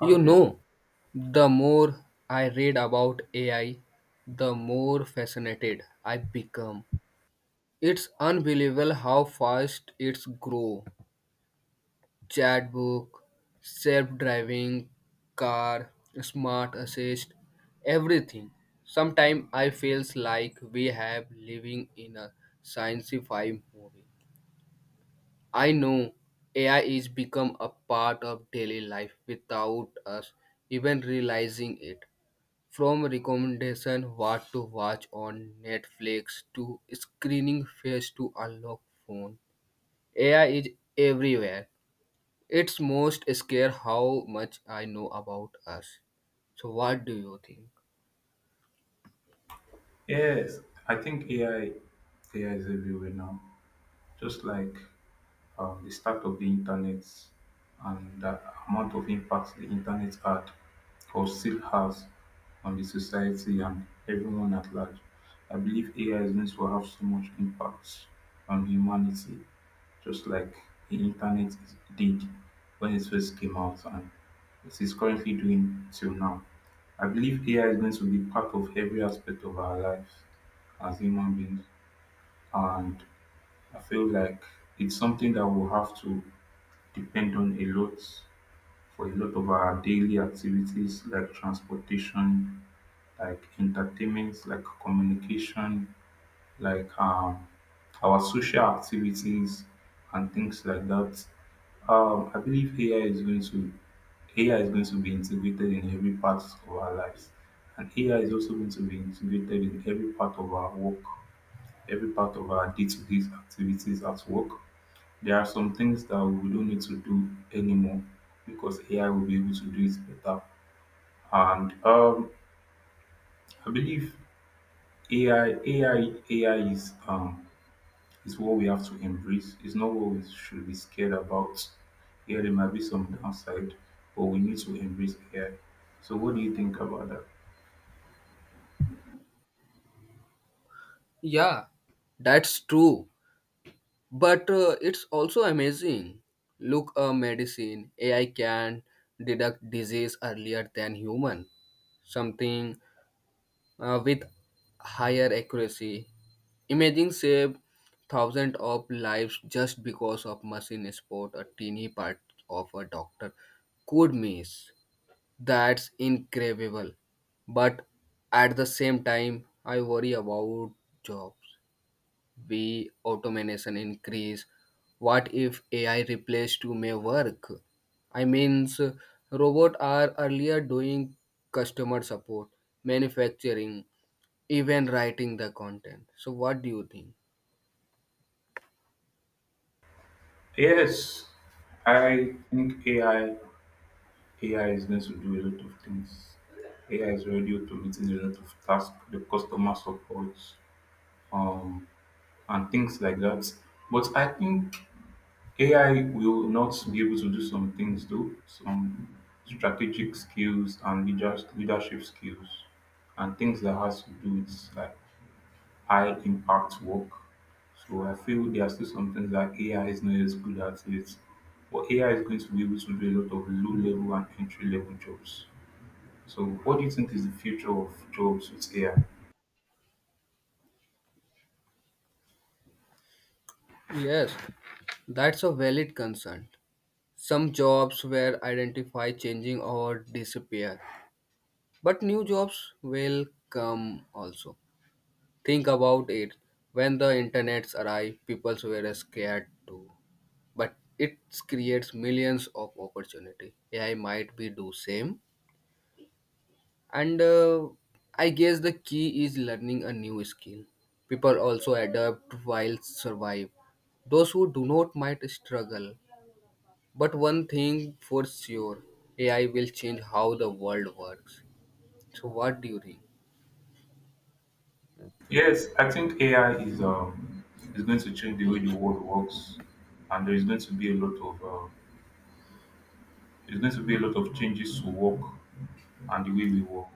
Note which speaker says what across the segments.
Speaker 1: You
Speaker 2: Okay.
Speaker 1: know, the more I read about AI, the more fascinated I become. It's unbelievable how fast it's grow. Chatbot, self-driving car, smart assist, everything. Sometimes I feels like we have living in a science fi movie. I know AI is become a part of daily life without us even realizing it. From recommendation what to watch on Netflix to screening face to unlock phone, AI is everywhere. It's most scare how much I know about us. So what do you think?
Speaker 2: Yes, I think AI is everywhere now. Just like the start of the internet and the amount of impact the internet had or still has on the society and everyone at large. I believe AI is going to have so much impact on humanity, just like the did when it first came out and it is currently doing till now. I believe AI is going to be part of every aspect of our lives as human beings, and I feel like it's something that we'll have to depend on a lot for a lot of our daily activities like transportation, like entertainment, like communication, like our social activities and things like that. I believe AI is going to be integrated in every part of our lives. And AI is also going to be integrated in every part of our work, every part of our day to day activities at work. There are some things that we don't need to do anymore because AI will be able to do it better. And I believe AI is what we have to embrace. It's not what we should be scared about. Yeah, there might be some downside, but we need to embrace AI. So, what do you think about that?
Speaker 1: Yeah, that's true. But it's also amazing. Look a medicine. AI can detect disease earlier than human. Something with higher accuracy. Imagine save thousands of lives just because of machine sport a teeny part of a doctor could miss. That's incredible. But at the same time, I worry about jobs. We automation increase. What if AI replace to my work? I means robots are earlier doing customer support, manufacturing, even writing the content. So what do you think?
Speaker 2: Yes, I think AI is going to do a lot of things. AI is already automating a lot of tasks, the customer support, um, and things like that. But I think AI will not be able to do some things though, some strategic skills and leadership skills and things that has to do with like high impact work. So I feel there are still some things that AI is not as good at it. But AI is going to be able to do a lot of low level and entry level jobs. So what do you think is the future of jobs with AI?
Speaker 1: Yes, that's a valid concern. Some jobs were identified changing or disappear, but new jobs will come also. Think about it. When the internets arrive, people were scared too. But it creates millions of opportunity. AI might be do same. And I guess the key is learning a new skill. People also adapt while survive. Those who do not might struggle, but one thing for sure, AI will change how the world works. So, what do you think?
Speaker 2: Yes, I think AI is going to change the way the world works, and there is going to be a lot of there's going to be a lot of changes to work and the way we work.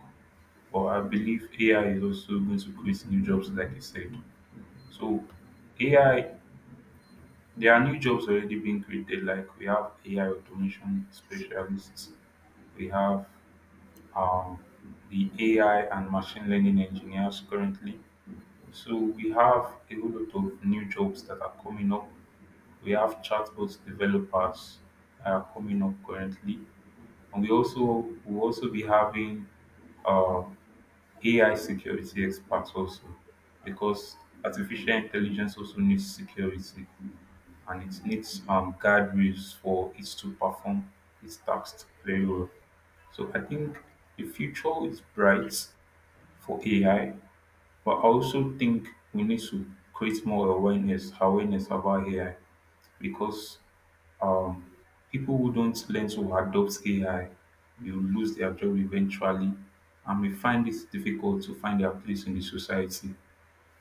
Speaker 2: But I believe AI is also going to create new jobs, like you said. So AI, there are new jobs already being created. Like we have AI automation specialists, we have um, the AI and machine learning engineers currently. So we have a whole lot of new jobs that are coming up. We have chatbot developers that are coming up currently, and we also will also be having uh, AI security experts also because artificial intelligence also needs security and it needs guardrails for it to perform its tasks very well. So I think the future is bright for AI but I also think we need to create more awareness about AI because um, people who don't learn to adopt AI will lose their job eventually and may find it difficult to find their place in the society.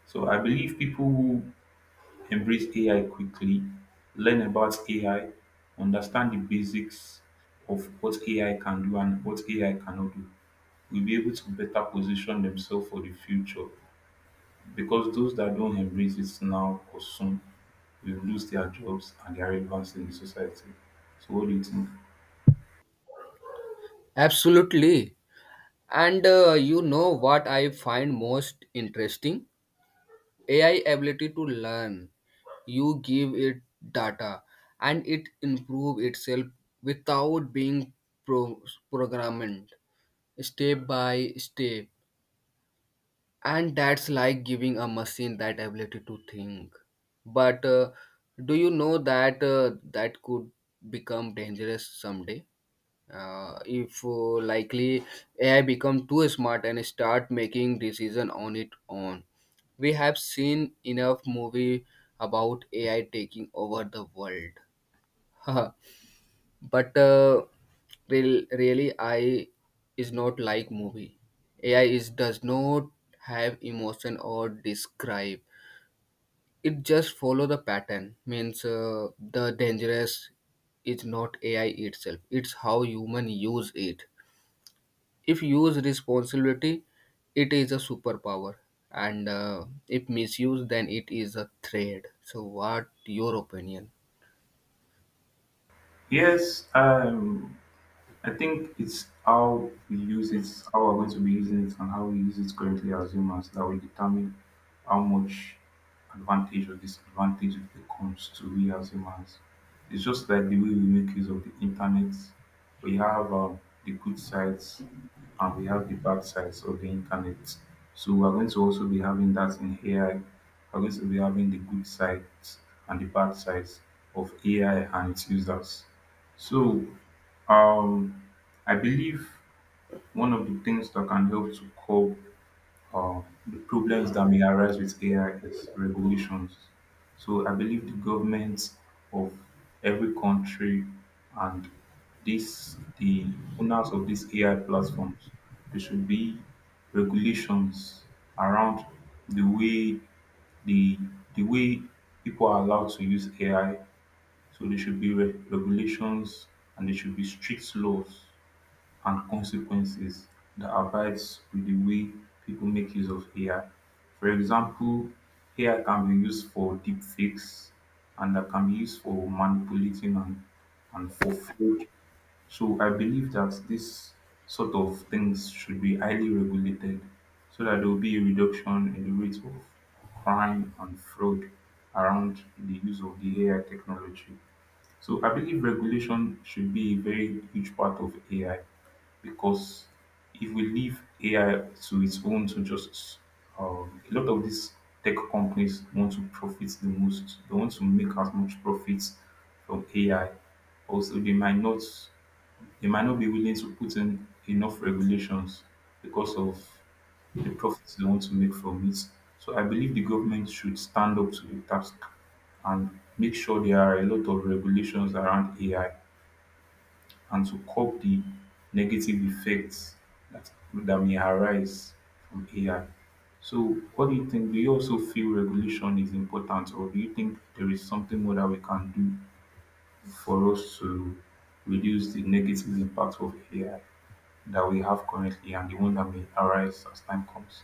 Speaker 2: So I believe people who embrace AI quickly, learn about AI, understand the basics of what AI can do and what AI cannot do, will be able to better position themselves for the future because those that don't embrace it now or soon will lose their jobs and their relevance in the society. So what do you think?
Speaker 1: Absolutely. And you know what I find most interesting? AI ability to learn. You give it data and it improve itself without being pro- programmed step by step, and that's like giving a machine that ability to think. But do you know that that could become dangerous someday if likely AI become too smart and start making decision on its own. We have seen enough movie about AI taking over the world. But really, I is not like movie. AI is does not have emotion or describe. It just follow the pattern. Means the dangerous is not AI itself, it's how human use it. If use responsibility, it is a superpower, and if misuse, then it is a threat. So what your opinion?
Speaker 2: Yes. I think it's how we use it, how we're going to be using it, and how we use it currently as humans that will determine how much advantage or disadvantage it becomes to we as humans. It's just like the way we make use of the internet. We have the good sides and we have the bad sides of the internet. So we're going to also be having that in AI. We're going to be having the good sides and the bad sides of AI and its users. So um, I believe one of the things that can help to curb the problems that may arise with AI is regulations. So I believe the governments of every country and this the owners of these AI platforms, there should be regulations around the way the the way people are allowed to use AI. So there should be regulations and there should be strict laws and consequences that abides with the way people make use of AI. For example, AI can be used for deep fakes and that can be used for manipulating and for fraud. So I believe that this sort of things should be highly regulated so that there will be a reduction in the rate of crime and fraud around the use of the AI technology. So I believe regulation should be a very huge part of AI because if we leave AI to its own to just a lot of these tech companies want to profit the most. They want to make as much profit from AI. Also, they might not be willing to put in enough regulations because of the profits they want to make from it. So I believe the government should stand up to the task and make sure there are a lot of regulations around AI and to curb the negative effects that may arise from AI. So, what do you think? Do you also feel regulation is important, or do you think there is something more that we can do for us to reduce the negative impact of AI that we have currently and the one that may arise as time comes?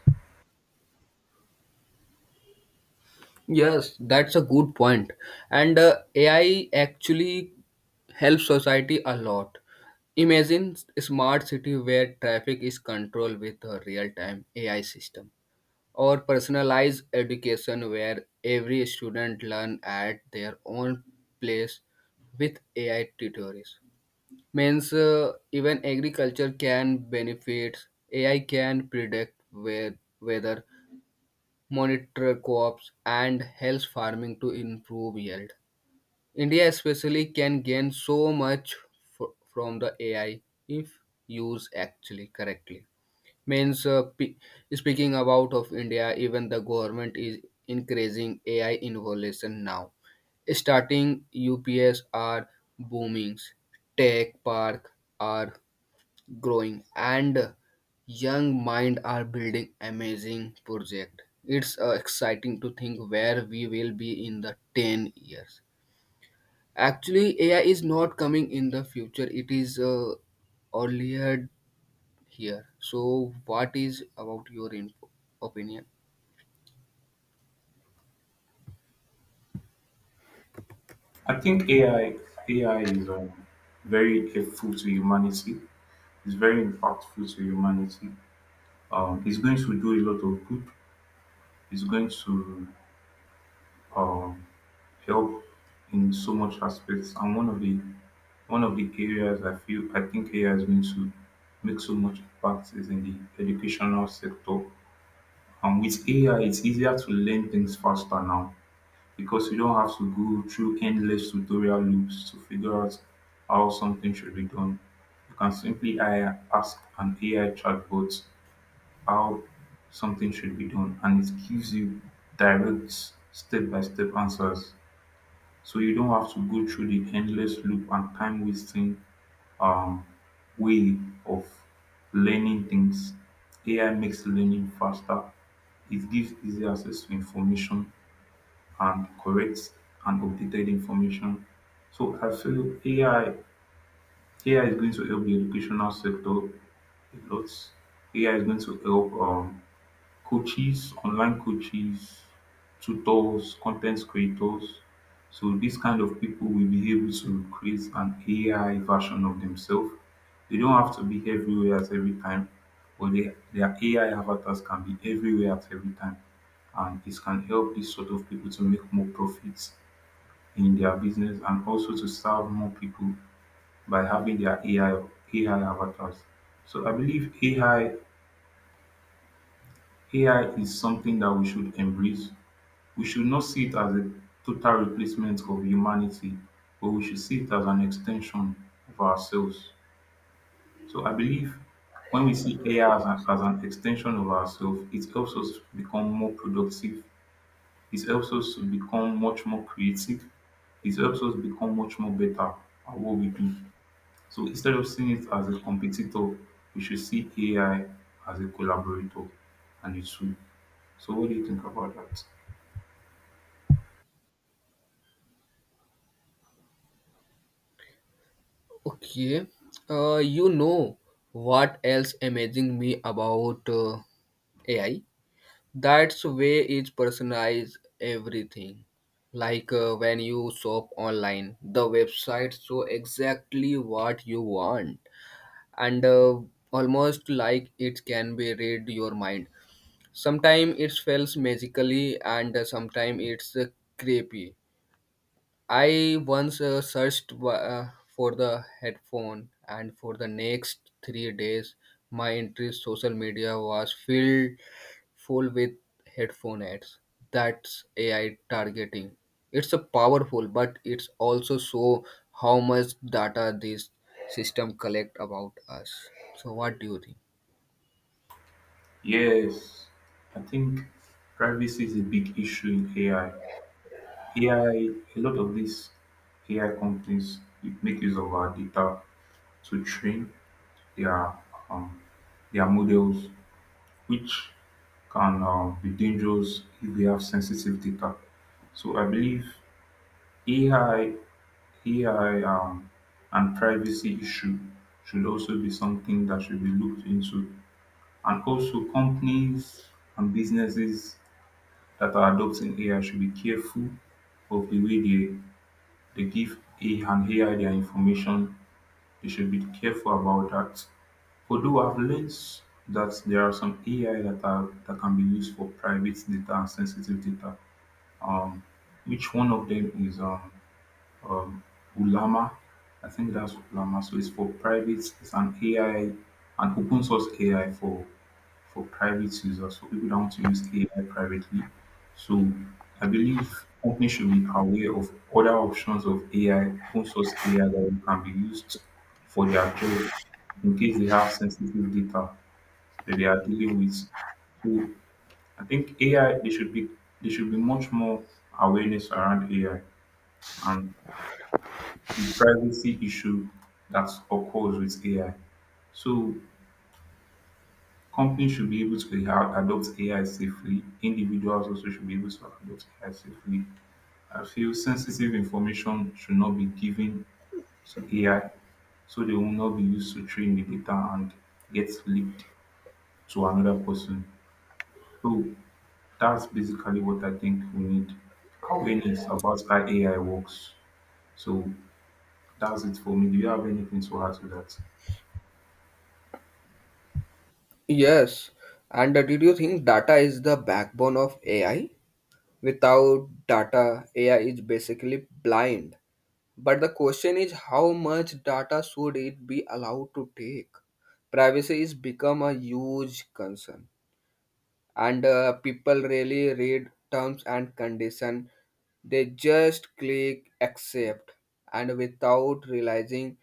Speaker 1: Yes, that's a good point. And AI actually helps society a lot. Imagine a smart city where traffic is controlled with a real-time AI system, or personalized education where every student learn at their own place with AI tutors. Means even agriculture can benefit. AI can predict where, weather monitor crops, and helps farming to improve yield. India, especially, can gain so much f- from the AI if used actually correctly. Means speaking about of India, even the government is increasing AI innovation now. Starting UPS are boomings, tech park are growing, and young mind are building amazing project. It's exciting to think where we will be in the 10 years. Actually AI is not coming in the future, it is earlier here. So what is about your opinion?
Speaker 2: I think AI is very helpful to humanity. It's very impactful to humanity. It's going to do a lot of good. It's going to um, help in so much aspects. And one of the areas I think AI is going to make so much impact is in the educational sector. And with AI, it's easier to learn things faster now. Because you don't have to go through endless tutorial loops to figure out how something should be done. You can simply ask an AI chatbot how something should be done, and it gives you direct, step by step answers. So you don't have to go through the endless loop and time wasting um, way of learning things. AI makes learning faster, it gives easy access to information and correct and updated information. So I feel AI is going to help the educational sector a lot. AI is going to help coaches, online coaches, tutors, content creators. So these kind of people will be able to create an AI version of themselves. They don't have to be everywhere at every time, but their AI avatars can be everywhere at every time. And it can help these sort of people to make more profits in their business and also to serve more people by having their AI avatars. So I believe AI is something that we should embrace. We should not see it as a total replacement of humanity, but we should see it as an extension of ourselves. So I believe when we see AI as as an extension of ourselves, it helps us become more productive. It helps us to become much more creative. It helps us become much more better at what we do. So instead of seeing it as a competitor, we should see AI as a collaborator and a tool. So what do you think about that?
Speaker 1: Okay. You know what else amazing me about AI? That's way is personalize everything. Like when you shop online, the website show exactly what you want, and almost like it can be read your mind. Sometimes it feels magically, and sometimes it's creepy. I once searched for the headphone, and for the next three days, my interest social media was filled full with headphone ads. That's AI targeting. It's a powerful, but it's also so how much data this system collect about us. So, what do you think?
Speaker 2: Yes, I think privacy is a big issue in AI. AI, a lot of these AI companies make use of our data to train their um, their models, which can be dangerous if they have sensitive data. So I believe AI AI um, and privacy issue should also be something that should be looked into. And also, companies and businesses that are adopting AI should be careful of the way they, they give AI their information. They should be careful about that. Although I've learned that there are some AI that can be used for private data and sensitive data. Um, which one of them is um ulama. I think that's ulama, so it's for private. It's an AI, an open source AI for private users. So people that want to use AI privately. So I believe companies should be aware of other options of AI, open source AI that can be used for their job in case they have sensitive data that they are dealing with. So I think AI they should be there should be much more awareness around AI and the privacy issue that occurs with AI. So companies should be able to adopt AI safely. Individuals also should be able to adopt AI safely. I feel sensitive information should not be given to AI so they will not be used to train the data and get leaked to another person. So that's basically what I think we need awareness about how AI works. So that's it for me. Do you have anything to add to that?
Speaker 1: Yes, and did you think data is the backbone of AI? Without data, AI is basically blind. But the question is how much data should it be allowed to take? Privacy is become a huge concern, and people really read terms and condition. They just click accept, and without realizing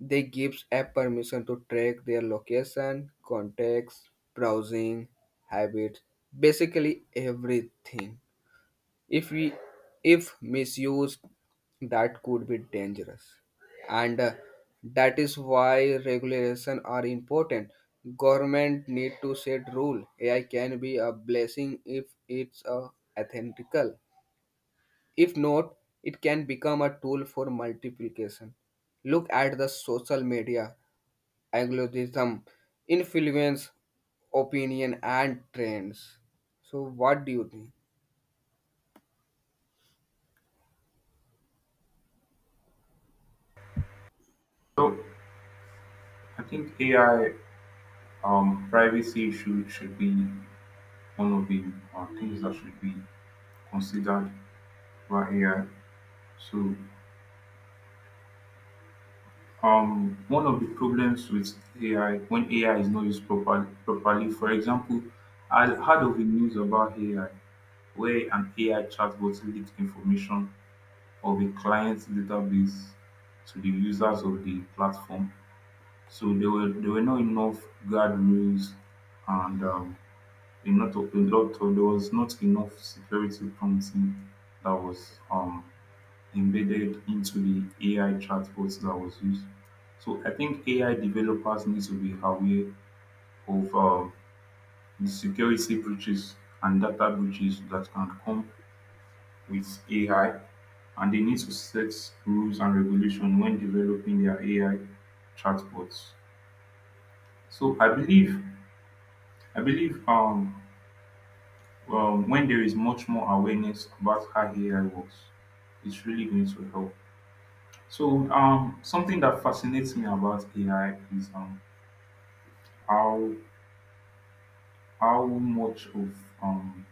Speaker 1: they gives a permission to track their location, contacts, browsing, habits, basically everything. If we if misused, that could be dangerous, and that is why regulation are important. Government need to set rule. AI can be a blessing if it's a ethical. If not, it can become a tool for multiplication. Look at the social media algorithm influence opinion and trends. So what do you think?
Speaker 2: So I think AI privacy issues should be one of the things that should be considered by AI. So one of the problems with AI when AI is not used properly, for example, I heard of the news about AI where an AI chatbot leaked information of a client's database to the users of the platform. So there were not enough guardrails, and a lot of there was not enough security prompting that was embedded into the AI chatbots that was used. So I think AI developers need to be aware of the security breaches and data breaches that can come with AI, and they need to set rules and regulation when developing their AI chatbots. So I believe, when there is much more awareness about how AI works, it's really going to help. So, something that fascinates me about AI is how how much of um,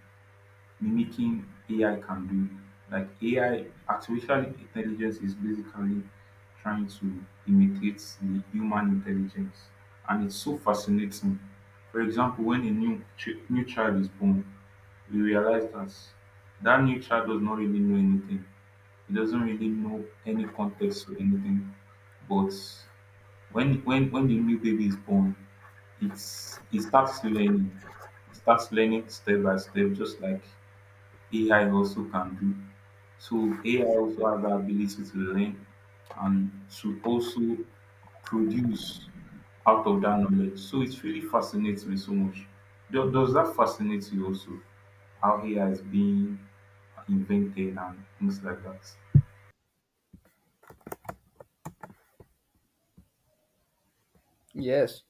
Speaker 2: mimicking AI can do. Like AI, artificial intelligence is basically trying to imitate the human intelligence, and it's so fascinating. For example, when a new child is born, we realize that that new child does not really know anything. He doesn't really know any context or anything. But when the new baby is born, it starts learning. It starts learning step by step, just like AI also can do. So AI also has the ability to learn and to also produce out of that knowledge. So it really fascinates me so much. Does that fascinate you also? How AI is being invented and things like that.
Speaker 1: Yes,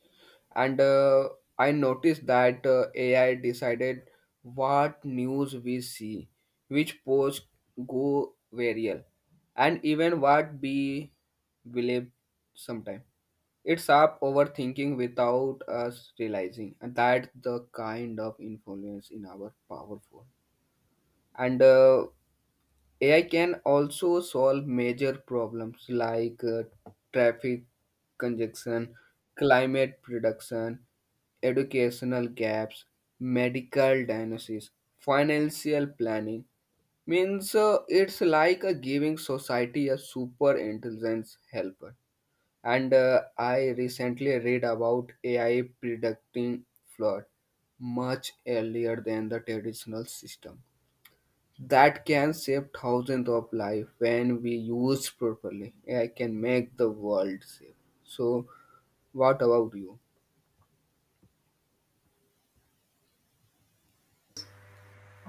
Speaker 1: and I noticed that AI decided what news we see, which posts go viral, and even what we believe sometimes. It's up overthinking without us realizing, and that's the kind of influence in our powerful. And AI can also solve major problems like traffic congestion, climate prediction, educational gaps, medical diagnosis, financial planning. Means it's like a giving society a super intelligence helper. And I recently read about AI predicting flood much earlier than the traditional system. That can save thousands of lives when we use properly. AI can make the world safe. So, what about you?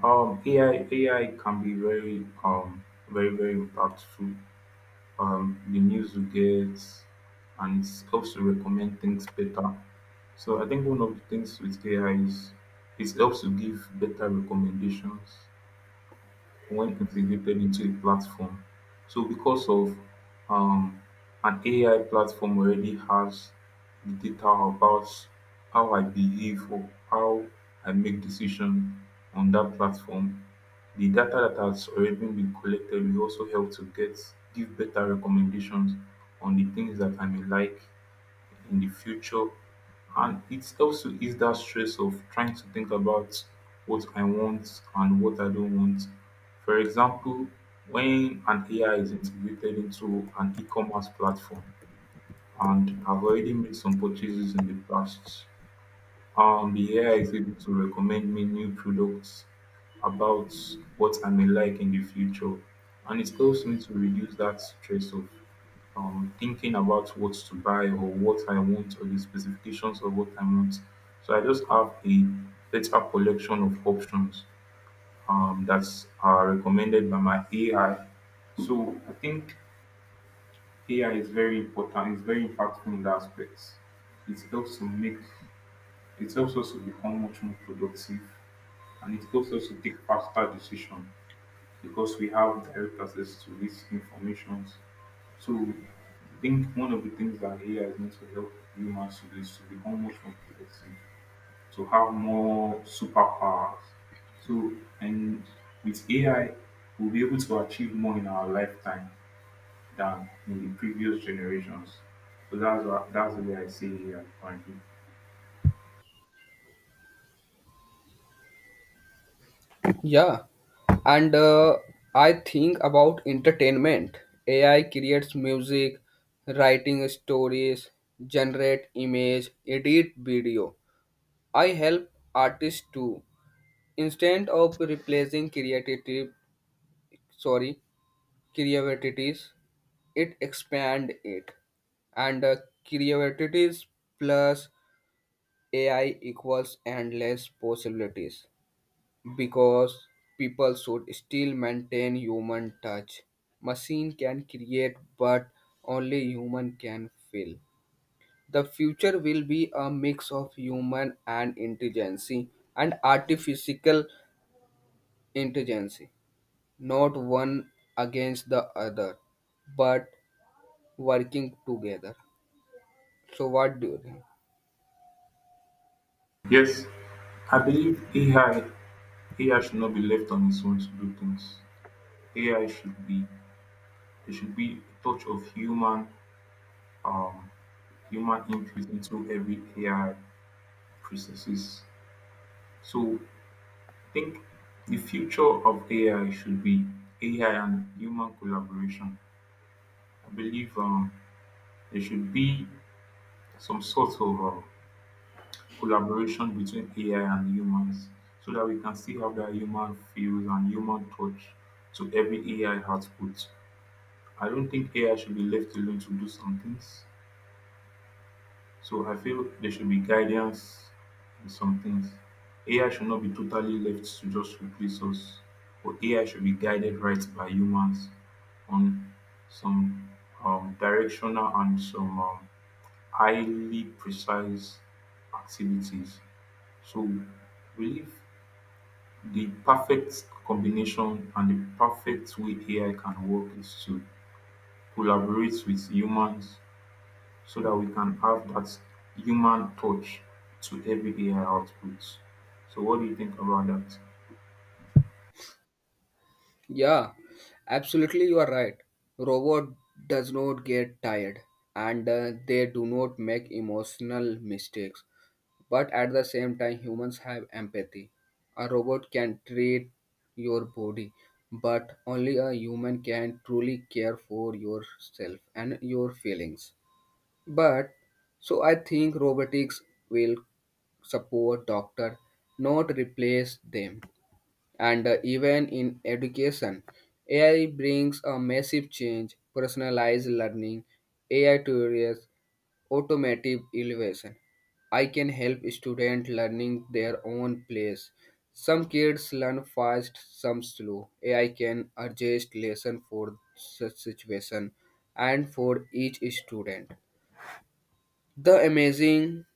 Speaker 2: AI can be very very very impactful. The news you get, and it helps to recommend things better. So I think one of the things with AI is it helps to give better recommendations when integrated into a platform. So, because of um, an AI platform already has the data about how I behave or how I make decisions on that platform, the data that has already been collected will also help to get give better recommendations on the things that I may like in the future, and it also is that stress of trying to think about what I want and what I don't want. For example, when an AI is integrated into an e-commerce platform and I've already made some purchases in the past, the AI is able to recommend me new products about what I may like in the future, and it helps me to reduce that stress of thinking about what to buy or what I want or the specifications of what I want. So I just have a better collection of options that are recommended by my AI. So I think AI is very important. It's very impactful in that aspect. It helps to make it helps us to become much more productive, and it helps us to take faster decisions because we have direct access to this information. So I think one of the things that AI is meant to help humans to do is to become much more productive, to have more superpowers. So, and with AI, we'll be able to achieve more in our lifetime than in the previous generations. So that's the way I see AI currently.
Speaker 1: Yeah, and I think about entertainment. AI creates music, writing stories, generate image, edit video. I help artists too. Instead of replacing creative, sorry, creativities, it expand it, and creativities plus AI equals endless possibilities. Because people should still maintain human touch. Machine can create, but only human can feel. The future will be a mix of human and intelligence and artificial intelligence, not one against the other, but working together. So, what do you think?
Speaker 2: Yes, I believe AI should not be left on its own to do things. AI should be There should be a touch of human um human input into every AI processes. So I think the future of AI should be AI and human collaboration. I believe there should be some sort of collaboration between AI and humans, so that we can see how that human feels and human touch to every AI output. I don't think AI should be left alone to do some things. So I feel there should be guidance in some things. AI should not be totally left to just replace us, but AI should be guided right by humans on some directional and some highly precise activities. So we believe the perfect combination and the perfect way AI can work is to collaborate with humans, so that we can have that human touch to every AI output. So, what do you think about that?
Speaker 1: Yeah, absolutely, you are right. Robot does not get tired, and they do not make emotional mistakes. But at the same time, humans have empathy. A robot can treat your body, but only a human can truly care for yourself and your feelings. But so I think robotics will support doctor, not replace them, and even in education, AI brings a massive change, personalized learning, AI tutors, automotive elevation. I can help students learning their own place. Some kids learn fast, some slow. AI can adjust lesson for such situation and for each student. The amazing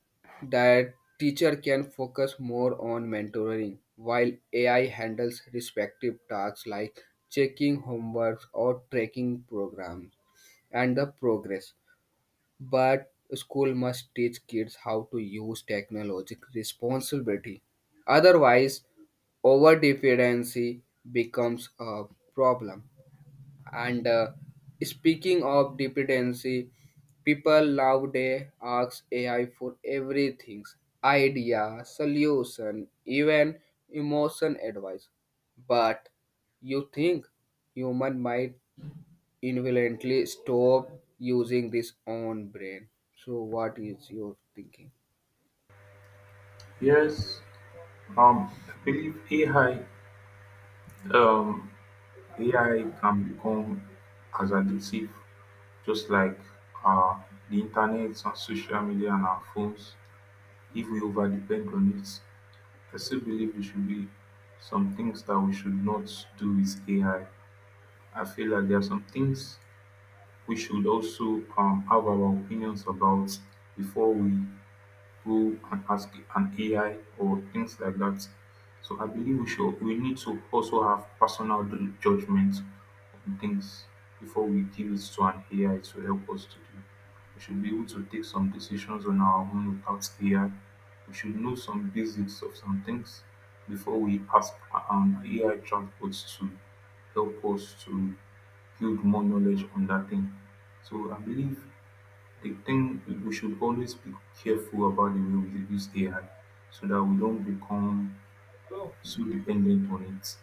Speaker 1: that teacher can focus more on mentoring while AI handles respective tasks like checking homework or tracking programs and the progress. But school must teach kids how to use technology responsibility. Otherwise, over dependency becomes a problem. And speaking of dependency, people nowadays ask AI for everything, idea, solution, even emotion advice. But you think human might involuntarily stop using this own brain. So what is your thinking?
Speaker 2: Yes, I believe AI, um, AI can become as addictive, just like uh, the internet and social media and our phones, if we over depend on it. I still believe there should be some things that we should not do with AI. I feel like there are some things we should also have our opinions about before we go and ask an AI or things like that. So I believe we need to also have personal judgment on things before we give it to an AI to help us to do. We should be able to take some decisions on our own without AI. We should know some basics of some things before we ask an AI chatbot to help us to build more knowledge on that thing. So I believe the thing we should always be careful about the way we use AI, so that we don't become so dependent on it.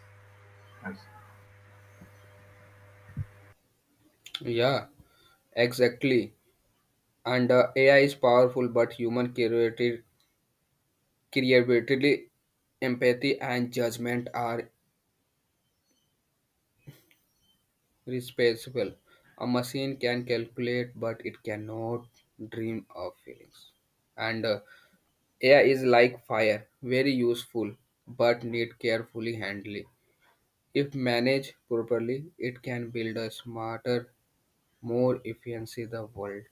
Speaker 2: Like,
Speaker 1: Yeah, exactly. And AI is powerful, but human creativity, empathy, and judgment are responsible. A machine can calculate, but it cannot dream of feelings. And AI is like fire, very useful, but need carefully handling. If managed properly, it can build a smarter, more efficient the world.